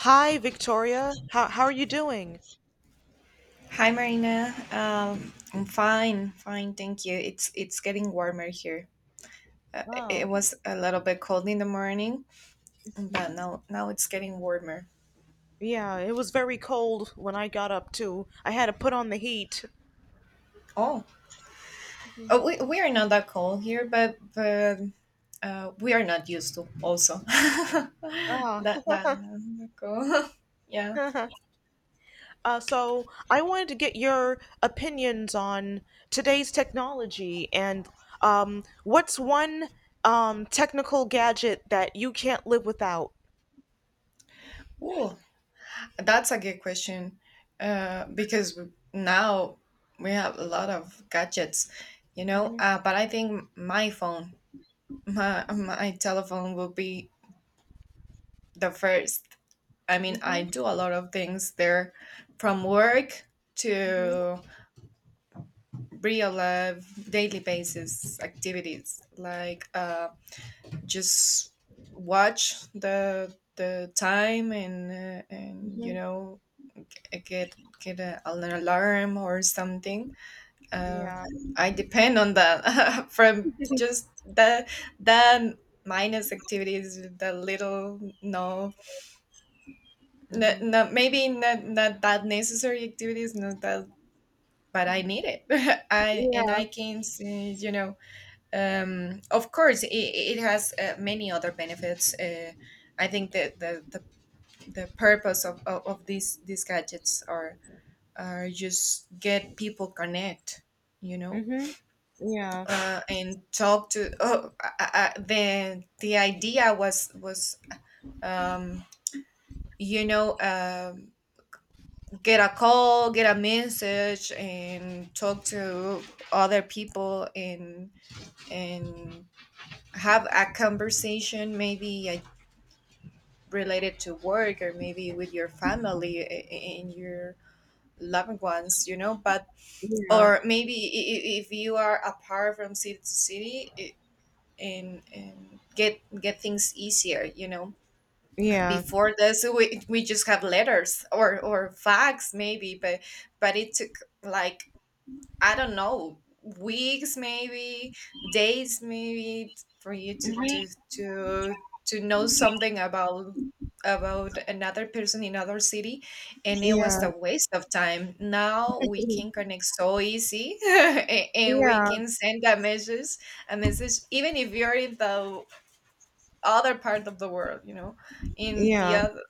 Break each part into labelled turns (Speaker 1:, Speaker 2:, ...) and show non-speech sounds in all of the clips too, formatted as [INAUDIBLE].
Speaker 1: Hi, Victoria. How are you doing?
Speaker 2: Hi Marina. I'm fine, thank you. It's getting warmer here. Uh,
Speaker 1: Oh,
Speaker 2: it was a little bit cold in the morning, but now it's getting warmer.
Speaker 1: yeah, it was very cold when I got up too. I had to put on the heat.
Speaker 2: Oh, oh we are not that cold here, but we are not used to also [LAUGHS]
Speaker 1: Ah.
Speaker 2: that cold. [LAUGHS] Yeah.
Speaker 1: [LAUGHS] So I wanted to get your opinions on today's technology and what's one technical gadget that you can't live without?
Speaker 2: Ooh, that's a good question. Because now we have a lot of gadgets, you know.
Speaker 1: Mhm.
Speaker 2: But I think my phone my telephone will be the first. I mean, I
Speaker 1: Mhm.
Speaker 2: do a lot of things there, from work
Speaker 1: Mhm.
Speaker 2: to real life daily basis activities, like just watch the time and you
Speaker 1: Mhm.
Speaker 2: know get get an alarm or something. Uh,
Speaker 1: Yeah.
Speaker 2: I depend on that [LAUGHS] from just the minus activities the little
Speaker 1: Mhm.
Speaker 2: not maybe not that necessary activities not that but I need it. [LAUGHS] I and
Speaker 1: Yeah.
Speaker 2: I can see, of course it has many other benefits. I think that the purpose of, of these gadgets are just get people connect, you know.
Speaker 1: Mhm. Yeah.
Speaker 2: And talk to the idea was um you know um get a call, get a message, and talk to other people and have a conversation, maybe related to work or maybe with your family and your loved ones, you know. But
Speaker 1: Yeah.
Speaker 2: or maybe if you are apart from city to city. And get things easier, you know.
Speaker 1: Yeah.
Speaker 2: Before this we just have letters or fax maybe, but it took like, I don't know, weeks maybe, days maybe, for you to
Speaker 1: Mhm.
Speaker 2: to to to know something about another person in another city, and it was
Speaker 1: Yeah.
Speaker 2: a waste of time. Now we can
Speaker 1: [LAUGHS]
Speaker 2: connect so easy, [LAUGHS] and we
Speaker 1: Yeah,
Speaker 2: can send a message even if you're in the other part of the world, you know, in the
Speaker 1: yeah,
Speaker 2: other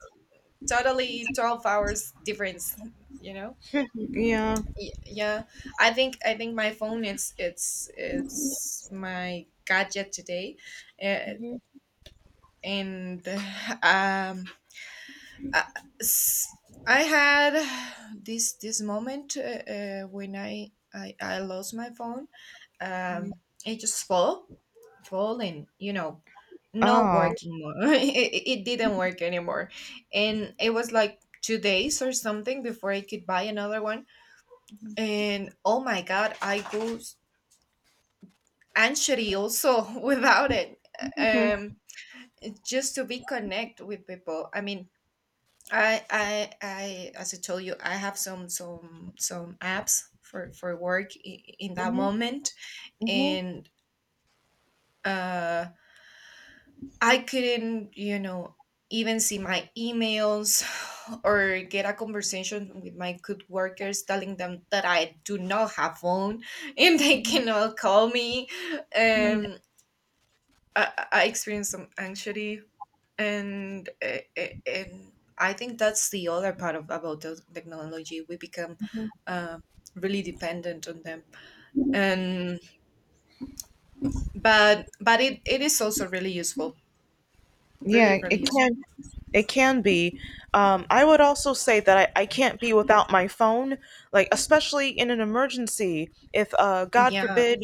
Speaker 2: totally 12 hours difference, you know.
Speaker 1: Yeah.
Speaker 2: Yeah, I think my phone is it's my gadget today. Uh,
Speaker 1: Mm-hmm.
Speaker 2: and um uh, Had this moment when I lost my phone. um it just fall and, you know, not
Speaker 1: Oh.
Speaker 2: working more. [LAUGHS] It didn't work anymore, and it was like 2 days or something before I could buy another one. And oh my god, I go anxiety also [LAUGHS] without it.
Speaker 1: Mhm.
Speaker 2: um just to be connect with people, I mean, I as I told you, I have some some apps for work in that
Speaker 1: Mm-hmm.
Speaker 2: moment.
Speaker 1: Mm-hmm.
Speaker 2: And uh I couldn't, you know, even see my emails [SIGHS] or get a conversation with my good workers telling them that I do not have phone [LAUGHS] and they cannot call me. um I experienced some anxiety, and and I think that's the other part of about the technology. We become uh, really dependent on them, and but it is also really useful,
Speaker 1: Yeah,
Speaker 2: really useful.
Speaker 1: It can be. I would also say that I can't be without my phone, like especially in an emergency. If God
Speaker 2: Yeah,
Speaker 1: forbid,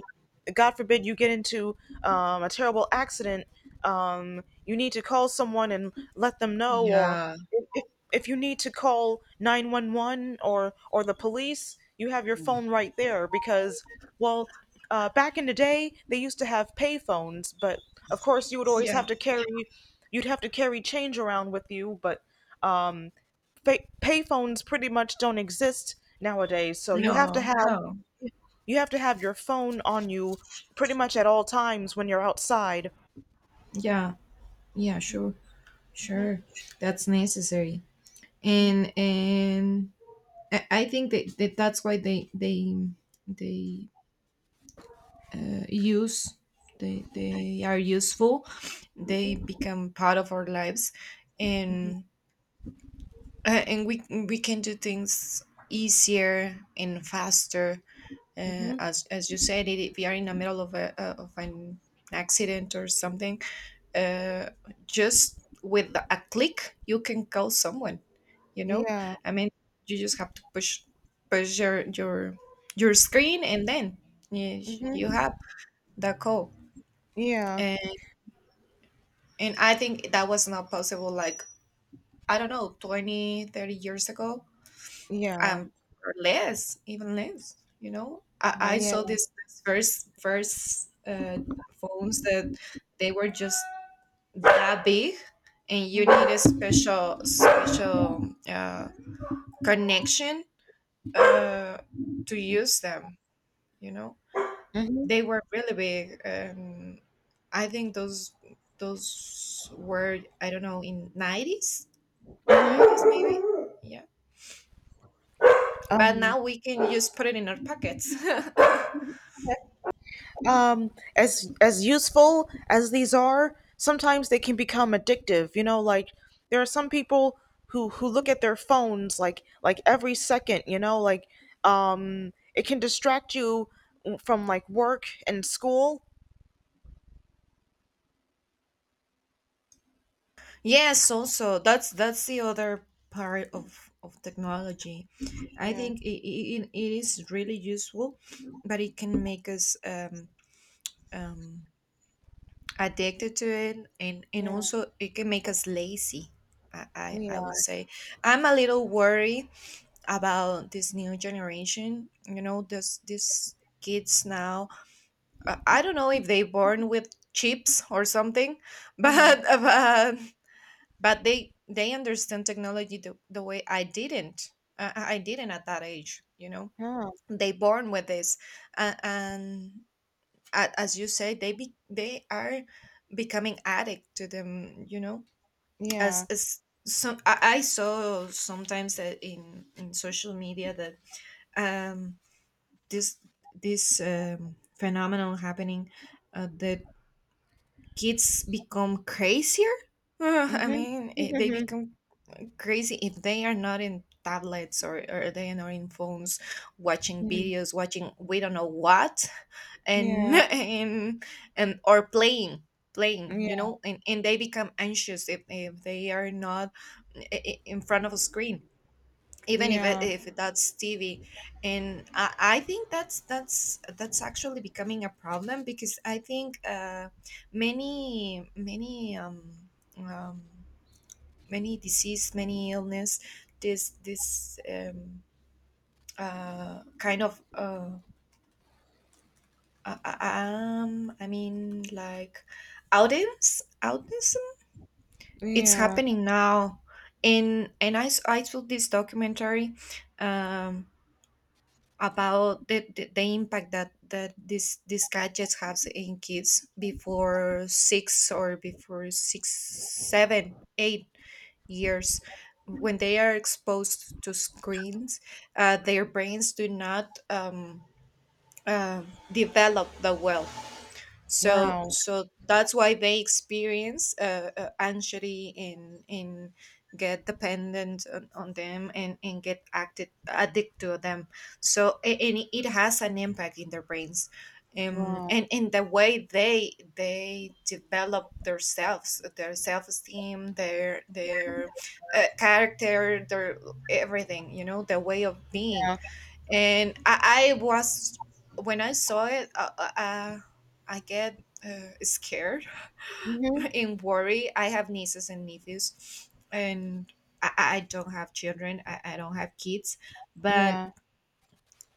Speaker 1: God forbid you get into a terrible accident. You need to call someone and let them know, or
Speaker 2: yeah,
Speaker 1: if, if if you need to call 911 or the police. You have your phone right there because, well, back in the day they used to have pay phones, but of course you would always have
Speaker 2: yeah.
Speaker 1: to carry. Change around with you, but um, fa payphones pretty much don't exist nowadays. So you have to
Speaker 2: No,
Speaker 1: have
Speaker 2: no.
Speaker 1: your phone on you pretty much at all times when you're outside.
Speaker 2: Yeah, yeah. Sure,
Speaker 1: Hmm.
Speaker 2: sure. That's necessary, and I think that that's why they uh, use they are useful, they become part of our lives, and and we can do things easier and faster,
Speaker 1: Hmm.
Speaker 2: as you said it, if we are in the middle of a of an accident or something. uh, just with a click you can call someone, you know.
Speaker 1: Yeah.
Speaker 2: I mean, you just have to push your screen and then you, you
Speaker 1: Hmm.
Speaker 2: have the call.
Speaker 1: Yeah.
Speaker 2: And I think that was not possible, like, I don't know, 20, 30 years ago,
Speaker 1: Yeah.
Speaker 2: um, or less, even less, you know? I
Speaker 1: Yeah.
Speaker 2: saw this first phones that they were just that big, and you need
Speaker 1: Hmm.
Speaker 2: a special connection uh, to use them, you know?
Speaker 1: Hmm.
Speaker 2: They were really big. And I think those were, I don't know, in '90s.
Speaker 1: Hmm.
Speaker 2: Yes, maybe. Yeah. But
Speaker 1: Um,
Speaker 2: now we can just put it in our pockets.
Speaker 1: um, As useful as these are, sometimes they can become addictive, like there are some people who look at their phones like every second, it can distract you from, like, work and school.
Speaker 2: [LAUGHS] Yes, also that's the other part of technology. I
Speaker 1: Yeah.
Speaker 2: think it is really useful, but it can make us um, addicted to it, and
Speaker 1: Yeah.
Speaker 2: also it can make us lazy. I
Speaker 1: Yeah.
Speaker 2: would say I'm a little worried about this new generation. You know, this kids now, I don't know if they born with chips or something, [LAUGHS]
Speaker 1: Yeah.
Speaker 2: but but, but they understand technology the way I didn't. I didn't at that age, you know.
Speaker 1: Yeah.
Speaker 2: They born with this, and as you say, they are becoming addict to them, you know.
Speaker 1: Yeah.
Speaker 2: As some, I saw sometimes that in social media that um this this phenomenon happening, the kids become crazier? [LAUGHS] I
Speaker 1: Mhm.
Speaker 2: mean, they
Speaker 1: Mhm.
Speaker 2: become crazy if they are not in tablets, or they are not in phones, watching
Speaker 1: Mhm,
Speaker 2: videos, watching we don't know what, and [LAUGHS]
Speaker 1: yeah.
Speaker 2: and or playing, playing, you
Speaker 1: Yeah.
Speaker 2: know, and they become anxious if they are not in front of a screen, even if
Speaker 1: Yeah.
Speaker 2: if that's TV. And I think that's actually becoming a problem because I think many um, many disease, many illness, this kind of I mean, like, autism, autism. It's
Speaker 1: Yeah.
Speaker 2: happening now, and I saw this documentary. Um, about the impact that that this these gadgets has in kids before six or before 6, 7, 8 years, when they are exposed to screens, their brains do not uh, develop the well, so
Speaker 1: Wow.
Speaker 2: so that's why they experience anxiety and get dependent on them, and get acted addicted to them. So and it has an impact in their brains,
Speaker 1: Wow.
Speaker 2: and in the way they develop themselves, their self-esteem, their character, their everything, you know, their way of being.
Speaker 1: Yeah.
Speaker 2: And I was when I saw it, I get scared
Speaker 1: Mhm.
Speaker 2: [LAUGHS] and worry. I have nieces and nephews, and I don't have children. I don't have kids, but
Speaker 1: Yeah.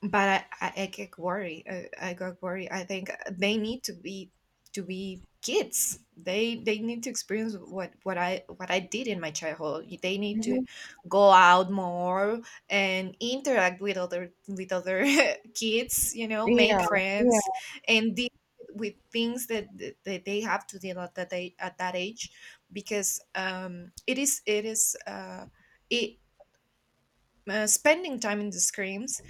Speaker 2: but I get worried. I got worried. I think they need to be kids. They need to experience what I did in my childhood. They need to
Speaker 1: Mhm.
Speaker 2: go out more and interact with other [LAUGHS] kids. You know,
Speaker 1: Yeah.
Speaker 2: make
Speaker 1: Yeah.
Speaker 2: friends and deal with things that they have to deal at that age, at that age, because it is it spending time in the screens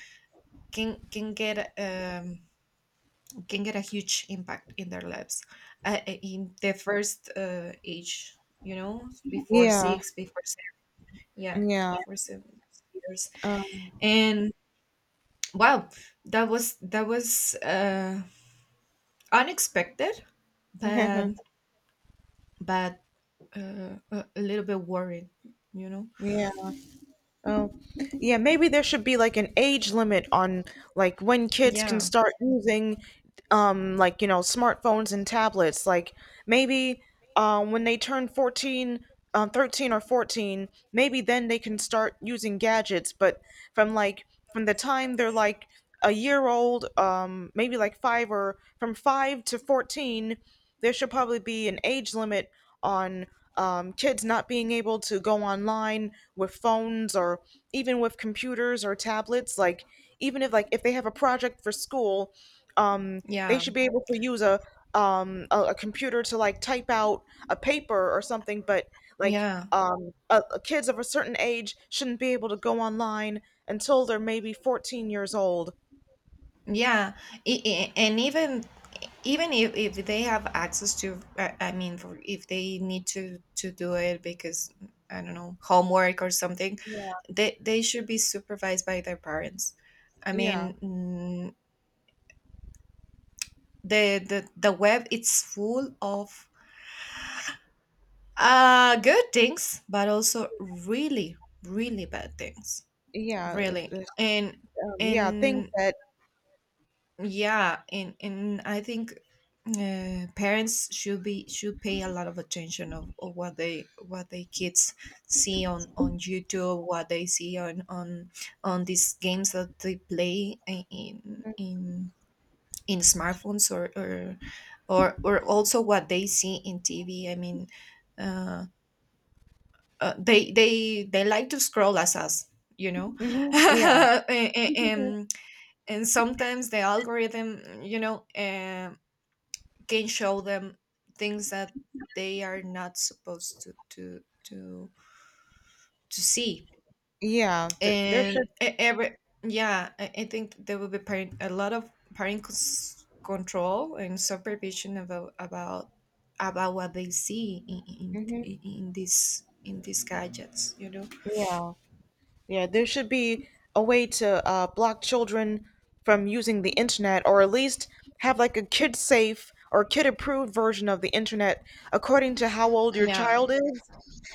Speaker 2: can can get um, can get a huge impact in their lives, in the first age, you know, before
Speaker 1: Yeah.
Speaker 2: six, before seven. Yeah,
Speaker 1: Yeah.
Speaker 2: before 7 years.
Speaker 1: Um,
Speaker 2: And wow, that was unexpected, but
Speaker 1: [LAUGHS]
Speaker 2: but a little bit worried, you know.
Speaker 1: yeah. Oh, yeah. Maybe there should be like an age limit on, like, when kids can
Speaker 2: Yeah,
Speaker 1: start using, like, smartphones and tablets. Like maybe, when they turn 14, 13 or 14, maybe then they can start using gadgets. But from, like, from the time they're like a year old, maybe like five, or from five to 14, there should probably be an age limit on, kids not being able to go online with phones or even with computers or tablets. Like, even if, like, if they have a project for school, um, they
Speaker 2: yeah,
Speaker 1: should be able to use a computer to, like, type out a paper or something. But, like,
Speaker 2: yeah,
Speaker 1: kids of a certain age shouldn't be able to go online until they're maybe 14 years old.
Speaker 2: yeah. And even even if they have access to I mean for, if they need to do it because I don't know, homework or something, they should be supervised by their parents. I
Speaker 1: Yeah.
Speaker 2: mean, the the web it's full of good things but also really really bad things,
Speaker 1: Yeah,
Speaker 2: really.
Speaker 1: uh,
Speaker 2: and
Speaker 1: yeah, things
Speaker 2: and
Speaker 1: that,
Speaker 2: yeah, and I think parents should be should pay a lot of attention of what they kids see on YouTube, what they see on these games that they play in smartphones or also what they see in TV, I mean, uh, they like to scroll as us, you know, [LAUGHS]
Speaker 1: hmm, yeah,
Speaker 2: and, and and sometimes the algorithm, you know, can show them things that they are not supposed to see.
Speaker 1: yeah, th there should,
Speaker 2: And e- every Yeah, I think there will be a lot of control and supervision about about what they see
Speaker 1: mhm.
Speaker 2: in these gadgets you know.
Speaker 1: Yeah, yeah. There should be a way to, block children from using the internet, or at least have like a kid-safe or kid-approved version of the internet according to how old your
Speaker 2: Yeah,
Speaker 1: child is.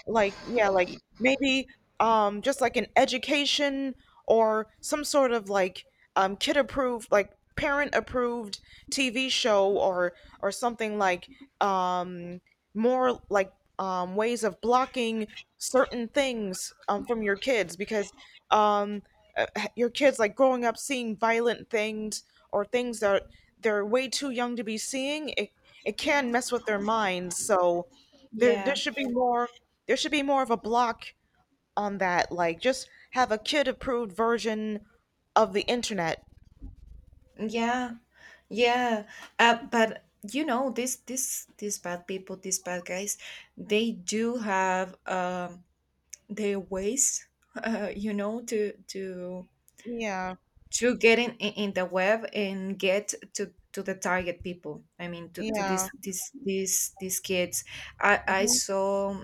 Speaker 1: Like, yeah, like maybe just like an education, or some sort of like, kid-approved, like parent-approved TV show, or something like, um, more like, ways of blocking certain things, from your kids because, um, uh, your kids, like, growing up seeing violent things or things that they're way too young to be seeing, it can mess with their minds. So there
Speaker 2: yeah,
Speaker 1: should be more, of a block on that. Like, just have a kid approved version of the internet.
Speaker 2: yeah, yeah. But, you know, this these bad people, these bad guys, they do have their ways, you know,
Speaker 1: Yeah.
Speaker 2: to get in the web and get to the target people, I mean to
Speaker 1: Yeah.
Speaker 2: these kids. i i
Speaker 1: Hmm.
Speaker 2: saw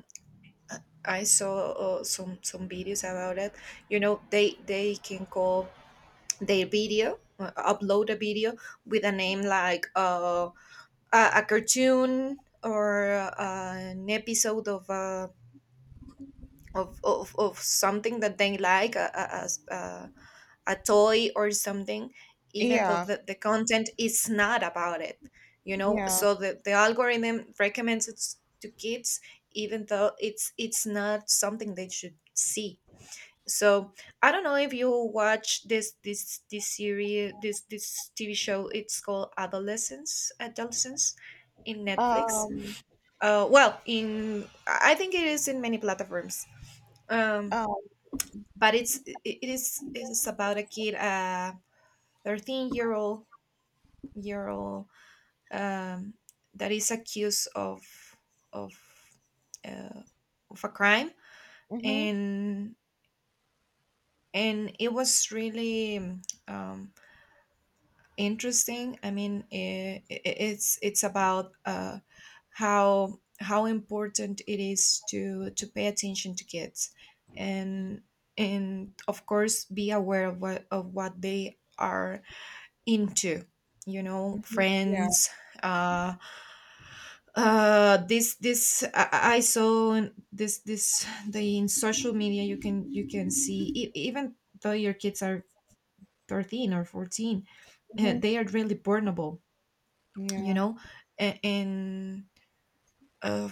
Speaker 2: I saw some videos about it, you know. They can call their video, upload a video with a name like a cartoon or an episode of of something that they like, a. as a toy or something, even though
Speaker 1: Yeah.
Speaker 2: the content is not about it, you know?
Speaker 1: Yeah.
Speaker 2: So the algorithm recommends it to kids, even though it's not something they should see. So I don't know if you watch this series this TV show. It's called Adolescence, Adolescence, in Netflix.
Speaker 1: Um.
Speaker 2: Well, in I think it is in many platforms. Um,
Speaker 1: Um.
Speaker 2: but it is about a kid. 13-year-old year old. um, that is accused of of uh, of a crime.
Speaker 1: Mhm.
Speaker 2: and and it was really, um, interesting. I mean i i it's about, how important it is to pay attention to kids and and of course be aware of what they are into, you know,
Speaker 1: Mhm. Yeah.
Speaker 2: friends. uh I saw in this this the in social media. You can you can see, e- even though your kids are 13 or 14,
Speaker 1: Mhm.
Speaker 2: they are really vulnerable. You
Speaker 1: Yeah.
Speaker 2: know. A- and, uh,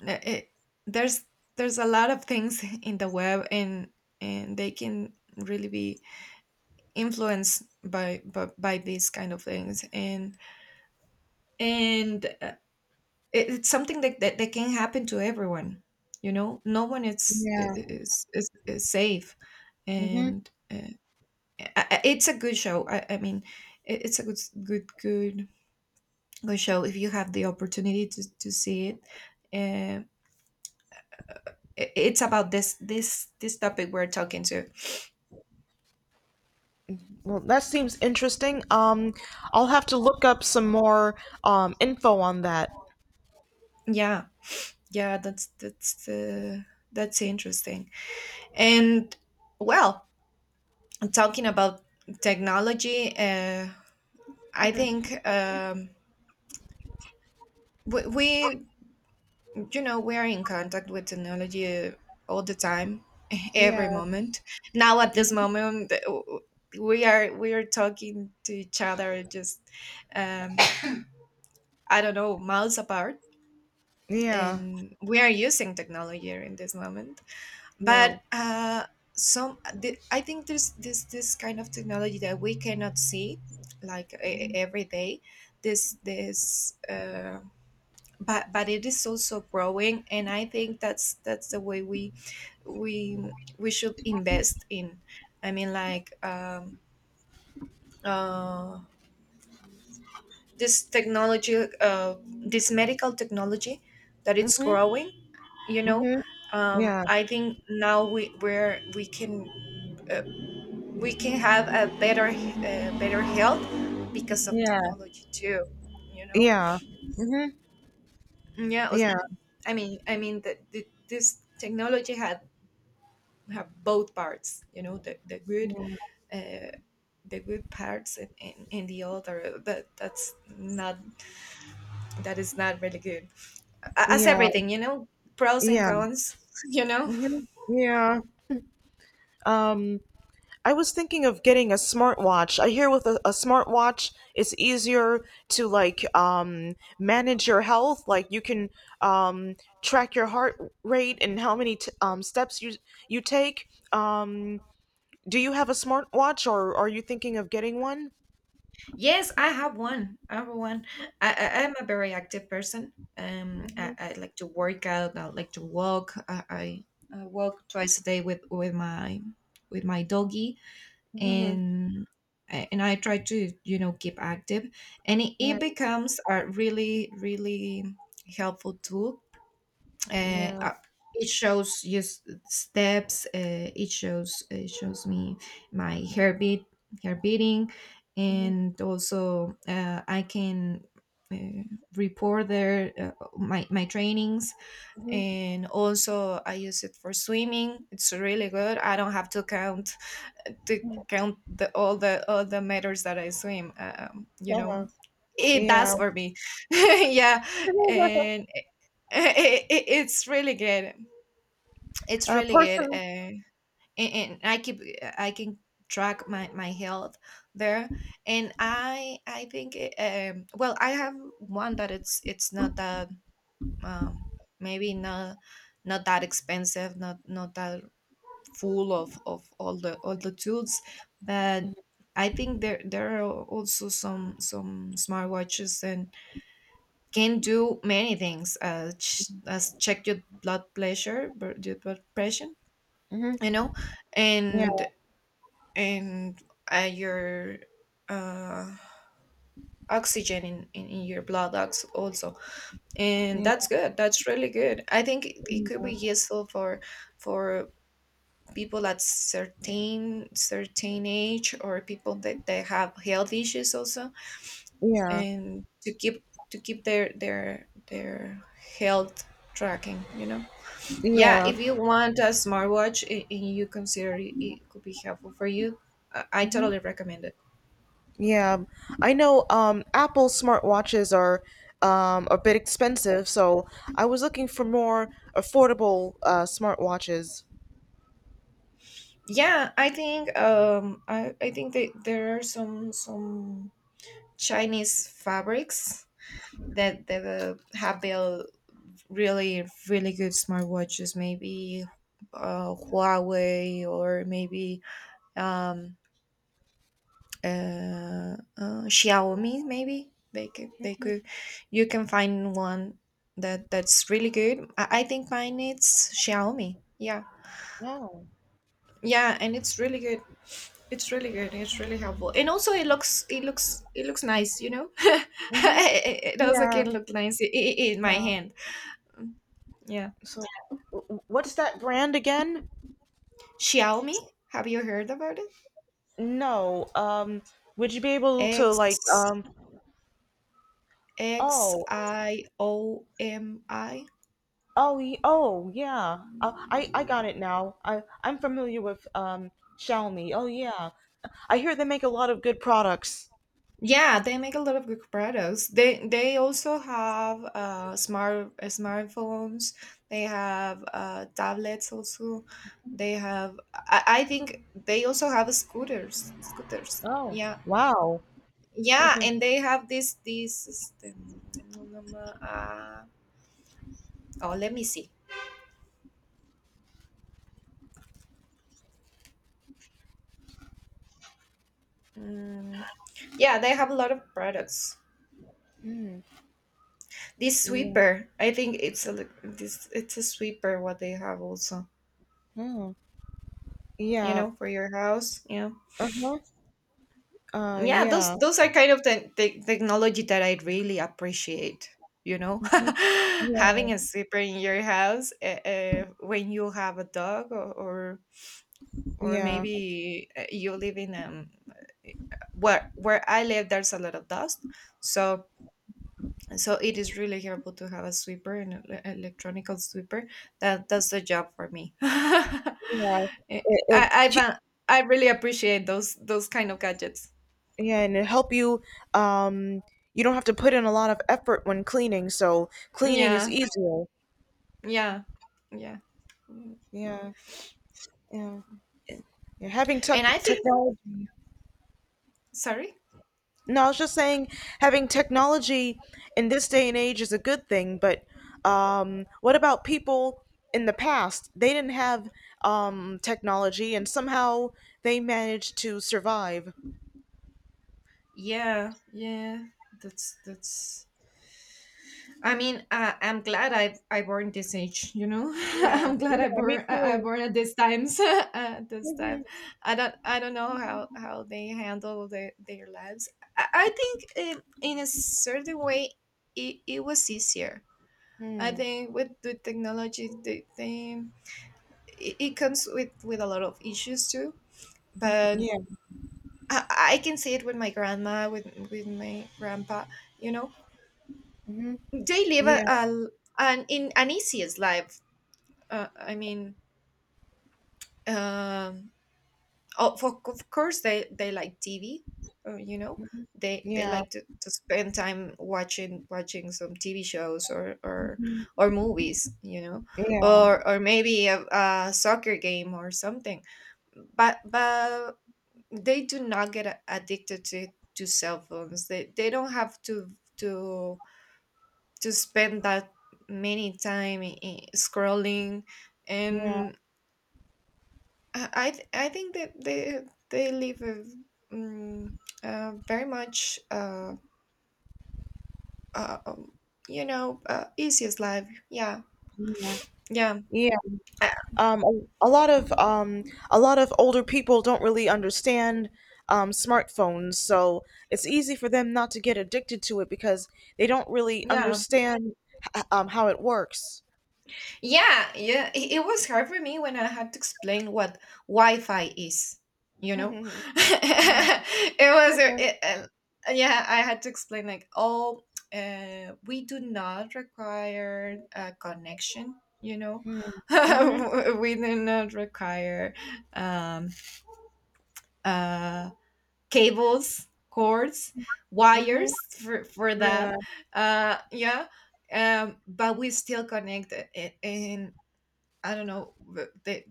Speaker 2: it, there's there's a lot of things [LAUGHS] in the web, and they can really be influenced by these kind of things. And it, it's something that, that that can happen to everyone. You know, no one is
Speaker 1: Yeah.
Speaker 2: is is, is safe.
Speaker 1: Mhm.
Speaker 2: And I- it's a good show. I mean, it, it's a good good good show if you have the opportunity to see it. uh, I- it's about this topic we're talking to.
Speaker 1: Well, that seems interesting. I'll have to look up some more info on that.
Speaker 2: Yeah, yeah, that's interesting. And well, talking about technology, I think
Speaker 1: Mhm.
Speaker 2: we you know we're in contact with technology all the time, [LAUGHS]
Speaker 1: Yeah,
Speaker 2: every moment. Now at this moment, we are talking to each other, just, um, I don't know, miles apart,
Speaker 1: yeah,
Speaker 2: and we are using technology in this moment.
Speaker 1: yeah.
Speaker 2: But I think there's this kind of technology that we cannot see, like e- every day. This But it is also growing, and I think that's the way we we should invest in. I mean, like, uh this technology, this medical technology that it's
Speaker 1: Mm-hmm.
Speaker 2: growing. You know,
Speaker 1: Mm-hmm. Yeah,
Speaker 2: I think now we where we can, uh, we can have a better, better health because of
Speaker 1: yeah,
Speaker 2: technology too. You know.
Speaker 1: yeah. Mm-hmm.
Speaker 2: yeah it was-
Speaker 1: Yeah,
Speaker 2: I mean, I mean that, th- this technology has, have both parts. You know, the good, uh, the good parts, and the other that that's not, that is not really good. A- as
Speaker 1: yeah,
Speaker 2: everything, you know, pros and
Speaker 1: yeah.
Speaker 2: cons. [LAUGHS] You know.
Speaker 1: Mm-hmm. Yeah. Um. I was thinking of getting a smartwatch. I hear with a smartwatch, it's easier to, like, manage your health. Like, you can, um, track your heart rate and how many steps you take. Um, do you have a smartwatch, or are you thinking of getting one?
Speaker 2: Yes, I have one, I have one. I'm a very active person. I,
Speaker 1: Mhm.
Speaker 2: I like to work out, I like to walk, I I walk twice a day, with my with my doggy.
Speaker 1: Mhm.
Speaker 2: and and I try to, you know, keep active. And it
Speaker 1: Yeah.
Speaker 2: becomes a really really helpful tool. uh,
Speaker 1: Yeah.
Speaker 2: uh, it shows just steps. It shows me my heartbeat, heart beating.
Speaker 1: Mhm.
Speaker 2: And also, I can, uh, report there, my trainings.
Speaker 1: Mhm.
Speaker 2: And also I use it for swimming. It's really good, I don't have to count the all the all the meters that I swim. You know,
Speaker 1: Uh-huh.
Speaker 2: it
Speaker 1: Yeah.
Speaker 2: does for me. [LAUGHS] Yeah,
Speaker 1: [LAUGHS]
Speaker 2: and it, it's really good. It's really good.
Speaker 1: Person.
Speaker 2: And I keep, I can track my my health there. And I think, well, I have one that it's not that, um maybe not, not that expensive, not not that full of all the tools. But I think there there are also some smartwatches and can do many things, as check your blood pressure, your blood pressure.
Speaker 1: Mhm.
Speaker 2: You know.
Speaker 1: Yeah.
Speaker 2: and and, your, uh, oxygen in your blood, ox- also. And
Speaker 1: Yeah.
Speaker 2: that's good, that's really good. I think it, it could be useful for people at certain certain age, or people that they have health issues also.
Speaker 1: Yeah.
Speaker 2: And to keep, to keep their their health tracking, you know. Yeah,
Speaker 1: Yeah.
Speaker 2: if you want a smartwatch I- and you consider it, it could be helpful for you. I totally recommend it.
Speaker 1: Yeah, I know Apple smartwatches are a bit expensive, so I was looking for more affordable smartwatches.
Speaker 2: Yeah, I think, I think that there are some Chinese fabrics that, that, have built really really good smartwatches. Maybe, Huawei, or maybe, um, Xiaomi. Maybe they could you can find one that that's really good. I think mine is Xiaomi, yeah.
Speaker 1: Oh.
Speaker 2: Yeah, and it's really good, it's really good, it's really helpful. And also it looks it looks nice, you know. [LAUGHS]
Speaker 1: Mhm.
Speaker 2: It also
Speaker 1: Yeah,
Speaker 2: can look nice, in my
Speaker 1: yeah.
Speaker 2: hand. Yeah,
Speaker 1: So, what's that brand again?
Speaker 2: Xiaomi. Have you heard about it?
Speaker 1: No. Would you be able to, like,
Speaker 2: X X
Speaker 1: oh,
Speaker 2: I O M I.
Speaker 1: oh, oh, yeah. I got it now. I'm familiar with Xiaomi. Oh, yeah. I hear they make a lot of good products.
Speaker 2: Yeah, they make a lot of good products. They also have, smartphones. They have, tablets also. They have, I think they also have scooters. Scooters.
Speaker 1: Oh,
Speaker 2: Yeah,
Speaker 1: wow.
Speaker 2: yeah,
Speaker 1: [LAUGHS]
Speaker 2: and they have this this. Este, mm, mm, mm, Oh, let me see. Mm, yeah, they have a lot of products.
Speaker 1: Mm,
Speaker 2: This
Speaker 1: yeah.
Speaker 2: sweeper, I think it's a li- this it's a sweeper what they have also,
Speaker 1: Oh,
Speaker 2: you
Speaker 1: yeah.
Speaker 2: know, for your house. Yeah,
Speaker 1: Uh-huh.
Speaker 2: yeah.
Speaker 1: Yeah.
Speaker 2: Those are kind of the technology that I really appreciate. You know, [LAUGHS]
Speaker 1: Mhm. Yeah.
Speaker 2: having a sweeper in your house, when you have a dog, or
Speaker 1: Yeah.
Speaker 2: maybe, you live in where I live. There's a lot of dust, so so it is really helpful to have a sweeper, an ele- electronic sweeper that does the job for me.
Speaker 1: Yeah. It,
Speaker 2: [LAUGHS] i
Speaker 1: will
Speaker 2: i found, I really appreciate those kind of gadgets.
Speaker 1: Yeah, and it'll help you. Um, you don't have to put in a lot of effort when cleaning, so cleaning is
Speaker 2: Yeah,
Speaker 1: easier.
Speaker 2: yeah, yeah. Mm.
Speaker 1: Yeah. Yeah. Yeah. Having
Speaker 2: And I think,
Speaker 1: technology.
Speaker 2: sorry.
Speaker 1: No, I was just saying having technology in this day and age is a good thing, but, what about people in the past? They didn't have, technology, and somehow they managed to survive.
Speaker 2: Yeah, yeah, that's I mean, I'm glad I born this age. You know, [LAUGHS]
Speaker 1: Yeah,
Speaker 2: I'm glad I
Speaker 1: yeah, me
Speaker 2: born, I
Speaker 1: too.
Speaker 2: born at this times. [LAUGHS] At this time,
Speaker 1: Mhm.
Speaker 2: I don't know how they handle their lives. I think, in a certain way, it was easier. I
Speaker 1: Mm,
Speaker 2: think with the technology, the thing it, it comes with a lot of issues too. But
Speaker 1: yeah,
Speaker 2: I, I can see it with my grandma, with my grandpa. You know,
Speaker 1: mhm.
Speaker 2: they live
Speaker 1: Yeah,
Speaker 2: a an in an easiest life. Uh, I mean, um, oh, for, of course they like TV. You know, they
Speaker 1: yeah,
Speaker 2: like to spend time watching some TV shows
Speaker 1: mhm.
Speaker 2: or movies. You know,
Speaker 1: Yeah,
Speaker 2: or maybe a soccer game or something. But they do not get a- addicted to cell phones. They don't have to to spend that many time, I- scrolling.
Speaker 1: yeah,
Speaker 2: And I think that they live a, um, very much, uh um, you know, easiest life. Yeah,
Speaker 1: yeah,
Speaker 2: yeah,
Speaker 1: yeah.
Speaker 2: I,
Speaker 1: um, a, a lot of um, a lot of older people don't really understand, smartphones, so it's easy for them not to get addicted to it because they don't really
Speaker 2: yeah.
Speaker 1: understand how it works.
Speaker 2: Yeah, yeah. It was hard for me when I had to explain what Wi-Fi is.
Speaker 1: [LAUGHS]
Speaker 2: You know,
Speaker 1: Mhm.
Speaker 2: [LAUGHS] it was,
Speaker 1: Yeah.
Speaker 2: a- It, yeah, I had to explain like, oh, we do not require a connection. You know,
Speaker 1: Mhm. Mhm.
Speaker 2: [LAUGHS] we do not require, um, uh, cables, cords,
Speaker 1: Mhm.
Speaker 2: wires for
Speaker 1: Yeah.
Speaker 2: that. Yeah, but we still connect it, I don't know,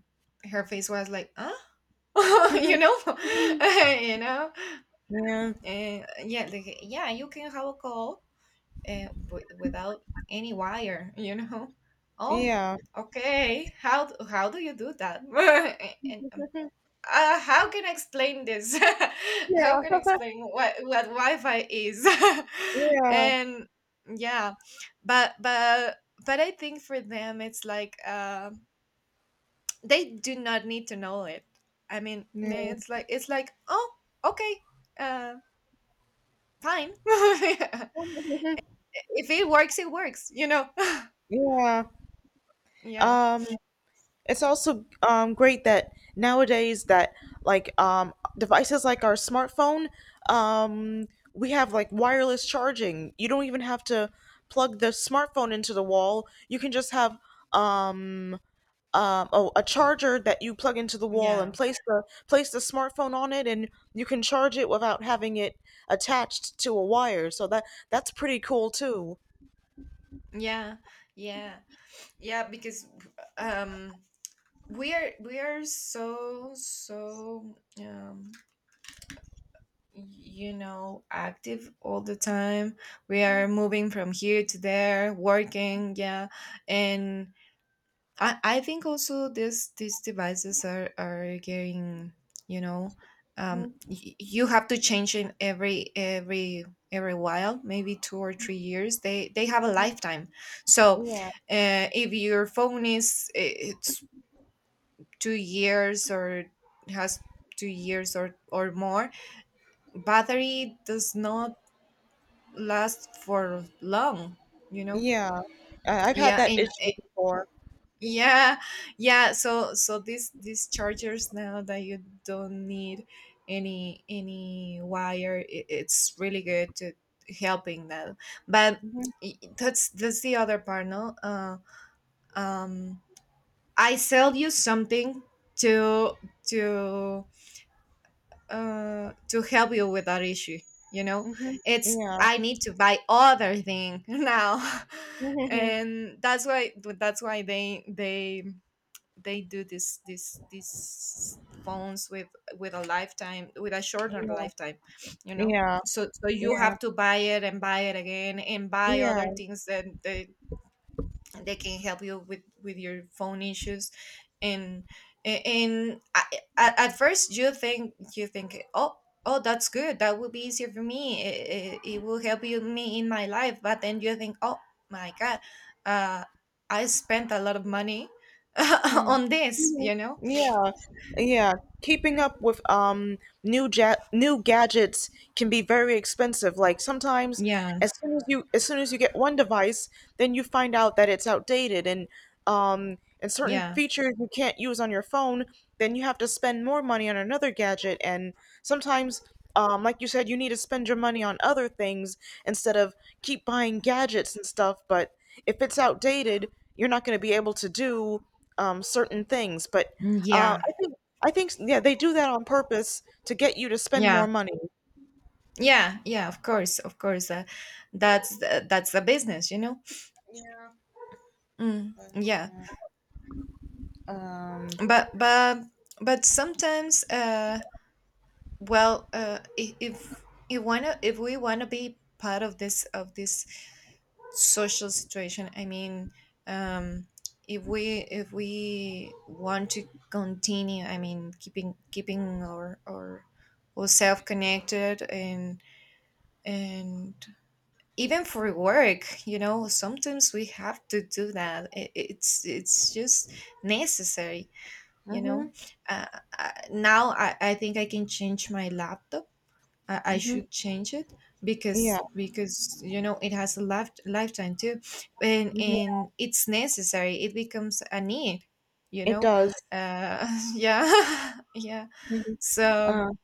Speaker 2: her face was like, huh? [LAUGHS] You
Speaker 1: [LAUGHS]
Speaker 2: know, [LAUGHS] you know,
Speaker 1: Yeah.
Speaker 2: and yeah, like, yeah, you can have a call, without any wire. [LAUGHS] You know. Oh,
Speaker 1: Yeah.
Speaker 2: okay. How d- how do you do that? [LAUGHS] And how can I explain this? [LAUGHS] How can I
Speaker 1: [LAUGHS]
Speaker 2: explain what Wi-Fi is? [LAUGHS]
Speaker 1: Yeah.
Speaker 2: And yeah, but but but I think for them it's like, they do not need to know it. I mean,
Speaker 1: Yeah.
Speaker 2: it's like, it's like, oh, okay, uh fine. [LAUGHS] If
Speaker 1: [LAUGHS] Yeah.
Speaker 2: it works, it works, you know.
Speaker 1: Yeah.
Speaker 2: [LAUGHS] Yeah,
Speaker 1: Um, it's also great that nowadays that like, devices like our smartphone, um, we have like wireless charging. You don't even have to plug the smartphone into the wall. You can just have, um, a charger that you plug into the wall and
Speaker 2: yeah,
Speaker 1: place the smartphone on it, and you can charge it without having it attached to a wire. So that's pretty cool too.
Speaker 2: yeah, yeah. Yeah, because, um we are so so, y- you know, active all the time. We are moving from here to there, working. Yeah, and I think also this these devices are getting, you know,
Speaker 1: Mhm.
Speaker 2: y- you have to change them every every while, maybe 2 or 3 years. They have a lifetime, so,
Speaker 1: Yeah,
Speaker 2: if your phone is I- it's 2 years or has 2 years or more, battery does not last for long, you know.
Speaker 1: yeah. I've had
Speaker 2: Yeah,
Speaker 1: that
Speaker 2: and
Speaker 1: issue before.
Speaker 2: Yeah, yeah. So so these chargers now that you don't need any wire, it, it's really good to helping that. But, I- that's the other part, no? Um, I sell you something to to to help you with that issue. You know,
Speaker 1: Mhm.
Speaker 2: it's
Speaker 1: Yeah.
Speaker 2: I need to buy other thing [LAUGHS] now,
Speaker 1: [LAUGHS] Yeah.
Speaker 2: and that's why they do this this these phones with a lifetime with a shorter lifetime, you know.
Speaker 1: Yeah.
Speaker 2: So so you
Speaker 1: Yeah.
Speaker 2: have to buy it and buy it again and buy
Speaker 1: Yeah.
Speaker 2: other things that they can help you with your phone issues. And and I, at, at first you think oh, oh, that's good, that will be easier for me, it will help you me in my life, but then you think, oh my god, uh I spent a lot of money [LAUGHS]
Speaker 1: Mm-hmm.
Speaker 2: on this.
Speaker 1: Yeah, yeah. Keeping up with new ja new gadgets can be very expensive. Like, sometimes,
Speaker 2: Yeah,
Speaker 1: as soon as you get one device, then you find out that it's outdated, and certain
Speaker 2: yeah,
Speaker 1: features you can't use on your phone. Then you have to spend more money on another gadget. And sometimes, like you said, you need to spend your money on other things instead of keep buying gadgets and stuff. But if it's outdated, you're not going to be able to do, certain things. But,
Speaker 2: mm, yeah.
Speaker 1: I think, yeah, they do that on purpose to get you to spend more
Speaker 2: Yeah,
Speaker 1: money.
Speaker 2: yeah, yeah, of course, of course, that's the business, you know. Mm, yeah.
Speaker 1: Um,
Speaker 2: But but but sometimes if you wanna if we wanna be part of this social situation, I mean. um if we want to continue, I mean, keeping our ourselves connected, and and even for work, you know, sometimes we have to do that. It's just necessary, you know.
Speaker 1: mhm,
Speaker 2: uh, Now I think I can change my laptop. I
Speaker 1: mhm,
Speaker 2: should change it
Speaker 1: yeah,
Speaker 2: because you know, it has a lifetime too, and
Speaker 1: mhm,
Speaker 2: it's necessary, it becomes a need, you
Speaker 1: it
Speaker 2: know.
Speaker 1: does.
Speaker 2: uh, [LAUGHS] yeah. [LAUGHS] Yeah.
Speaker 1: Mhm.
Speaker 2: So
Speaker 1: Uh,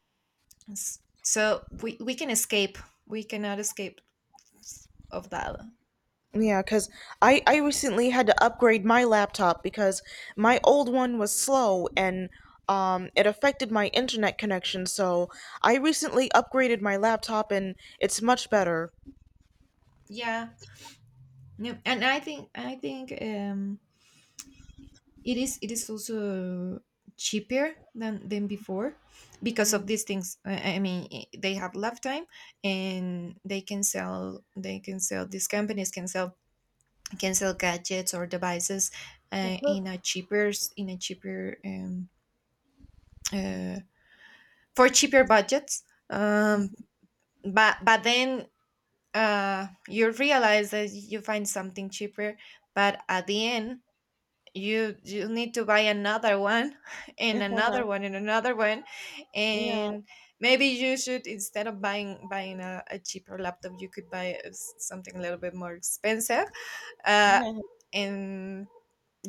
Speaker 2: s- we can escape, we cannot escape of that.
Speaker 1: yeah, because I recently had to upgrade my laptop because my old one was slow. And. It affected my internet connection, so I recently upgraded my laptop and it's much better.
Speaker 2: Yeah. No, and I think, it is also cheaper than before because of
Speaker 1: Mm.
Speaker 2: these things. I mean, they have lifetime and they can sell these companies can sell, gadgets or devices, in a
Speaker 1: [LAUGHS]
Speaker 2: cheaper, uh, for cheaper budgets. um, but then, you realize that you find something cheaper, but at the end you need to buy another one [LAUGHS] and another one and another one.
Speaker 1: Yeah.
Speaker 2: And maybe you should, instead of buying a cheaper laptop, you could buy something a little bit more expensive, uh
Speaker 1: Yeah,
Speaker 2: and,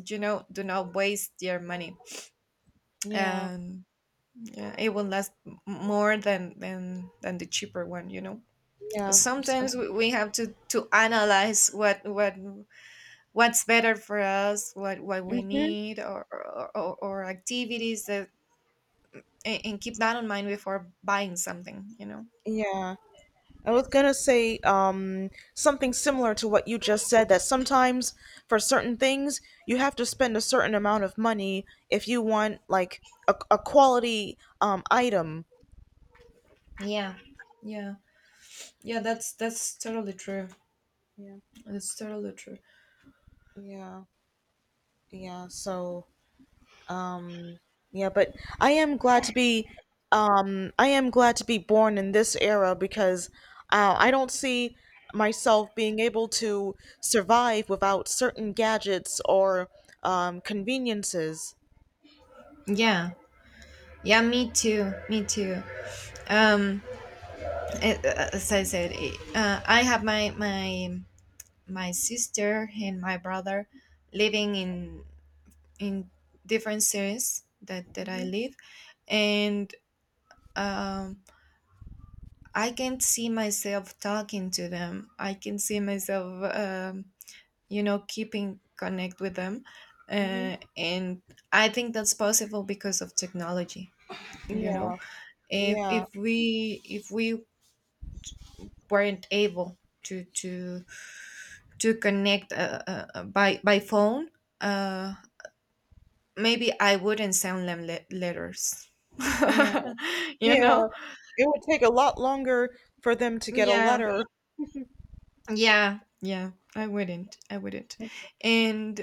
Speaker 2: you know, do not waste your money.
Speaker 1: yeah,
Speaker 2: um yeah, it will last more than than the cheaper one, you know.
Speaker 1: yeah,
Speaker 2: Sometimes we have to analyze what what's better for us, what we
Speaker 1: yeah.
Speaker 2: need, or activities that. And, keep that in mind before buying something. You know.
Speaker 1: Yeah, I was gonna say, something similar to what you just said, that sometimes for certain things you have to spend a certain amount of money if you want like a quality item.
Speaker 2: Yeah, yeah, yeah. That's totally true.
Speaker 1: Yeah,
Speaker 2: That's totally true.
Speaker 1: yeah, yeah. So, Um, yeah, but I am glad to be I am glad to be born in this era because, I don't see myself being able to survive without certain gadgets or, conveniences.
Speaker 2: Yeah, yeah. Me too. Me too. Um, a- as I said, I have my my sister and my brother living in in different cities that I
Speaker 1: Hmm.
Speaker 2: live, and, um I can see myself talking to them. I can see myself, you know, keeping connect with them,
Speaker 1: Hmm.
Speaker 2: and I think that's possible because of technology. You know,
Speaker 1: Yeah, yeah,
Speaker 2: if we weren't able to to to connect by phone, uh, maybe I wouldn't send them letters. [LAUGHS]
Speaker 1: yeah,
Speaker 2: You
Speaker 1: yeah.
Speaker 2: know.
Speaker 1: It would take a lot longer for them to get a
Speaker 2: Yeah.
Speaker 1: letter.
Speaker 2: Yeah, yeah, I wouldn't. I wouldn't. And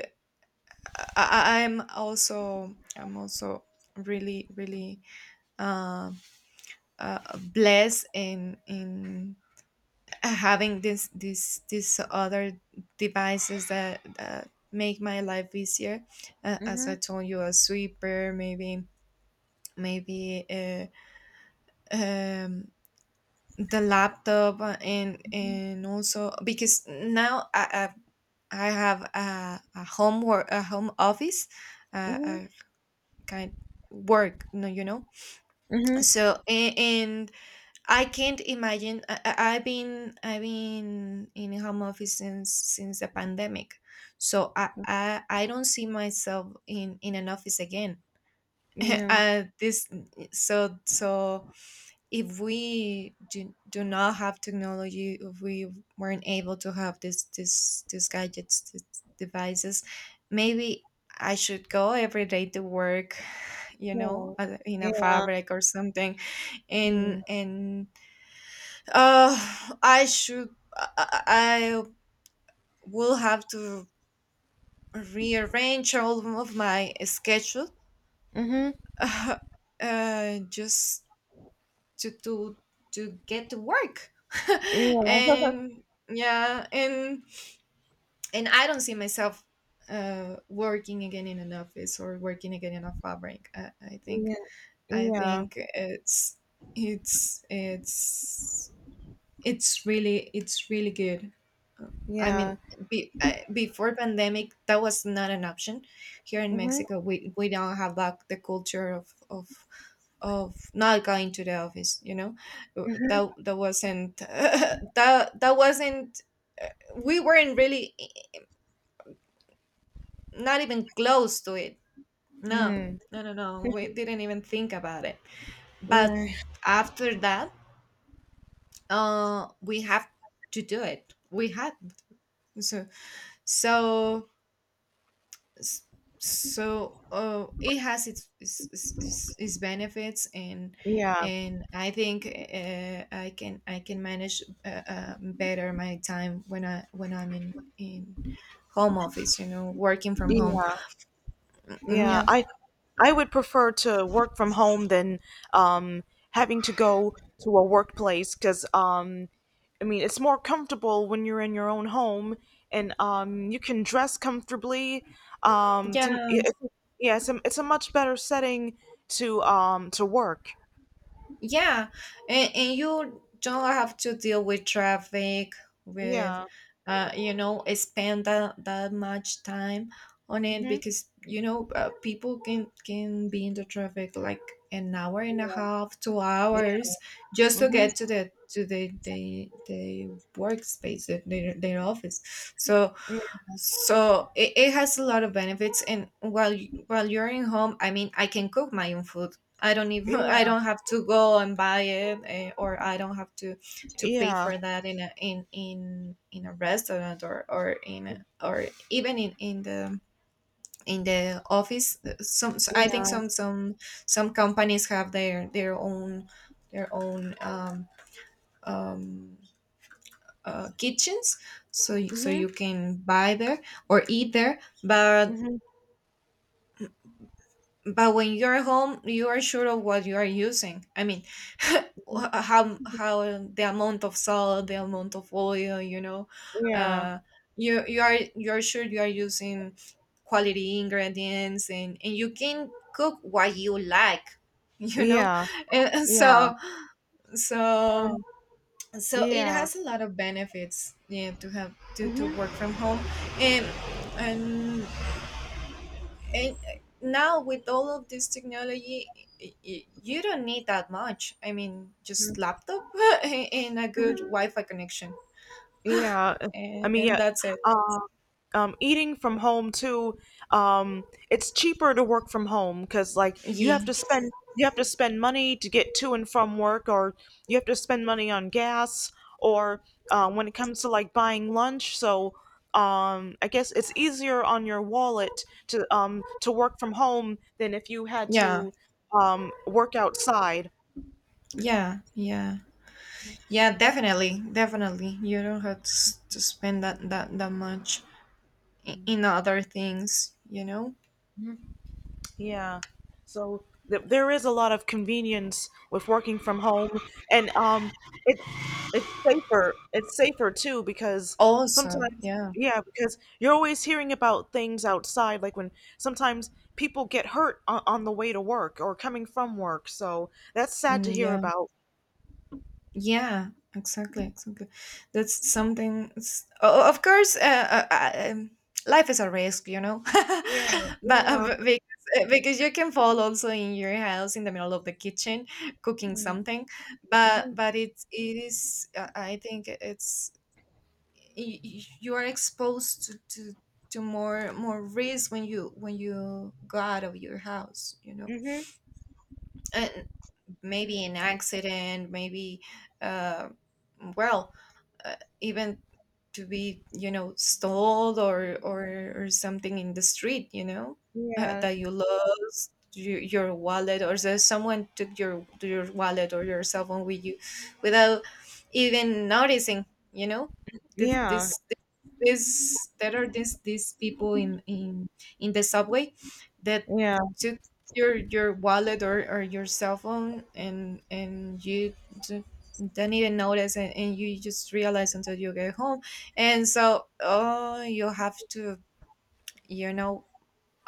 Speaker 2: I'm also really, really uh, blessed in having this other devices that make my life easier. As
Speaker 1: Hmm.
Speaker 2: I told you, a sweeper, maybe, maybe um, the laptop, and also because now I have a home work, a home office,
Speaker 1: Mhm.
Speaker 2: a kind work, no, you know.
Speaker 1: Mhm.
Speaker 2: So and I can't imagine. I've been in home office since the pandemic, so I don't see myself in an office again. [LAUGHS]
Speaker 1: Yeah.
Speaker 2: Uh, this, so so if do not have technology, if we weren't able to have this this these gadgets, these devices, maybe I should go every day to work, you
Speaker 1: Yeah.
Speaker 2: know, in a
Speaker 1: Yeah.
Speaker 2: fabric or something,
Speaker 1: Yeah.
Speaker 2: and uh, I should, I will have to rearrange all of my schedule.
Speaker 1: Mhm.
Speaker 2: [LAUGHS] Uh, just to to to get to work. [LAUGHS]
Speaker 1: Yeah.
Speaker 2: And yeah, and I don't see myself working again in an office or working again in a fabric. I
Speaker 1: [LAUGHS]
Speaker 2: think,
Speaker 1: yeah. yeah
Speaker 2: it's, it's it's it's really, it's really good, I mean.
Speaker 1: Yeah.
Speaker 2: Before pandemic that was not an option. Here in
Speaker 1: Mm-hmm.
Speaker 2: Mexico we don't have like the culture of not going to the office, you know. That wasn't [LAUGHS] that wasn't uh, we weren't really not even close to it, no.
Speaker 1: Mm.
Speaker 2: No, no, no, we
Speaker 1: [LAUGHS]
Speaker 2: didn't even think about it. But
Speaker 1: Yeah.
Speaker 2: after that, we have to do it, we had. so so S- so it has its benefits. and
Speaker 1: Yeah.
Speaker 2: and I think I can, I can manage better my time when I when I'm in home office, you know, working from home.
Speaker 1: Yeah.
Speaker 2: Mm,
Speaker 1: Yeah.
Speaker 2: yeah.
Speaker 1: I would prefer to work from home than, um having to go to a workplace because, I mean, it's more comfortable when you're in your own home, and you can dress comfortably. Um
Speaker 2: Yeah.
Speaker 1: to it's, yeah, it's a much better setting to work.
Speaker 2: Yeah, and, you don't have to deal with traffic, with,
Speaker 1: Yeah.
Speaker 2: you know, spend that much time on it,
Speaker 1: Mm-hmm.
Speaker 2: because you know, people can be in the traffic like an hour and a half, two
Speaker 1: Yeah.
Speaker 2: hours just to
Speaker 1: Mm-hmm.
Speaker 2: get the workspace, their office. So
Speaker 1: Yeah.
Speaker 2: it, it has a lot of benefits. And while while you're in home, I mean, I can cook my own food. I don't even [LAUGHS] I
Speaker 1: Yeah.
Speaker 2: don't have to go and buy it, eh, or I don't have to pay
Speaker 1: Yeah.
Speaker 2: for that in a in in a restaurant, or in a, or even in the in the office. Some I think
Speaker 1: Yeah.
Speaker 2: some companies have their own their own um um kitchens, so so
Speaker 1: Mm-hmm.
Speaker 2: you can buy there or eat there, but
Speaker 1: Mm-hmm.
Speaker 2: when you're at home you are sure of what you are using, I mean. [LAUGHS] How the amount of salt, the amount of oil, you know,
Speaker 1: Yeah,
Speaker 2: uh you are, you're sure you are using quality ingredients, and you can cook what you like. [LAUGHS] You know.
Speaker 1: yeah,
Speaker 2: And
Speaker 1: yeah,
Speaker 2: so,
Speaker 1: um,
Speaker 2: so it
Speaker 1: yeah.
Speaker 2: has a lot of benefits, yeah, to have to
Speaker 1: Mhm,
Speaker 2: work from home. And, and and now with all of this technology, you don't need that much, I mean, just
Speaker 1: mhm,
Speaker 2: laptop [LAUGHS] and a good
Speaker 1: mhm.
Speaker 2: wi-fi connection.
Speaker 1: Yeah, I mean,
Speaker 2: And
Speaker 1: yeah.
Speaker 2: that's it.
Speaker 1: Uh, Eating from home too. Um, it's cheaper to work from home because, like,
Speaker 2: Yeah,
Speaker 1: you have to spend money to get to and from work, or you have to spend money on gas, or, when it comes to, like, buying lunch. So, I guess it's easier on your wallet to work from home than if you had
Speaker 2: yeah,
Speaker 1: to work outside.
Speaker 2: yeah, yeah. Yeah, definitely, definitely, you don't have to spend that much in other things, you know.
Speaker 1: Yeah. So, th there is a lot of convenience with working from home, and it's it's safer. It's safer too because,
Speaker 2: Also,
Speaker 1: sometimes,
Speaker 2: yeah.
Speaker 1: yeah, because you're always hearing about things outside, like when sometimes people get hurt on the way to work or coming from work. So that's sad to
Speaker 2: Mm,
Speaker 1: hear
Speaker 2: yeah.
Speaker 1: about.
Speaker 2: Yeah, exactly, exactly. That's something. Of course, life is a risk, you know.
Speaker 1: Yeah.
Speaker 2: [LAUGHS] But
Speaker 1: Yeah.
Speaker 2: because, because you can fall also in your house in the middle of the kitchen cooking something, but
Speaker 1: Mhm.
Speaker 2: it's, it is. I think it's, you are exposed to, more risk when you go out of your house, you know.
Speaker 1: Mhm.
Speaker 2: And maybe an accident, maybe, uh, well, even to be, you know, stalled or, or something in the street, you know,
Speaker 1: Yeah.
Speaker 2: that you lost your wallet, or that someone took your wallet or your cell phone with you without even noticing, you know. this,
Speaker 1: Yeah.
Speaker 2: this, this, there are these people in, in the subway that
Speaker 1: Yeah.
Speaker 2: took your wallet, or your cell phone, and you d- don't even notice, and, you just realize until you get home, and so oh, you have to, you know,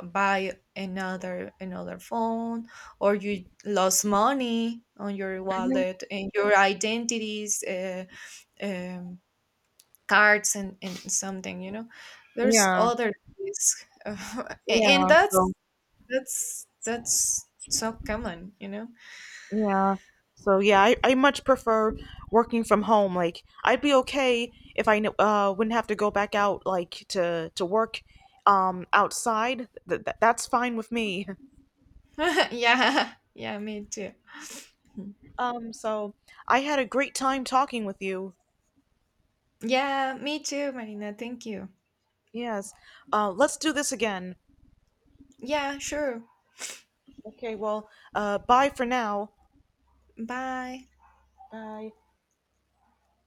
Speaker 2: buy another phone, or you lost money on your wallet, and your identities, um, cards, and, something, you know. There's
Speaker 1: Yeah.
Speaker 2: other risk. [LAUGHS] And
Speaker 1: Yeah. So,
Speaker 2: that's, that's so common, you know.
Speaker 1: yeah. So yeah, I much prefer working from home. Like, I'd be okay if I wouldn't have to go back out, like, to work, outside. That's fine with me. [LAUGHS]
Speaker 2: [LAUGHS] Yeah, yeah, me too. [LAUGHS]
Speaker 1: So, I had a great time talking with you.
Speaker 2: Yeah, me too, Marina. Thank you.
Speaker 1: Yes. Let's do this again.
Speaker 2: Yeah, sure.
Speaker 1: Okay, well, bye for now.
Speaker 2: Bye.
Speaker 1: Bye.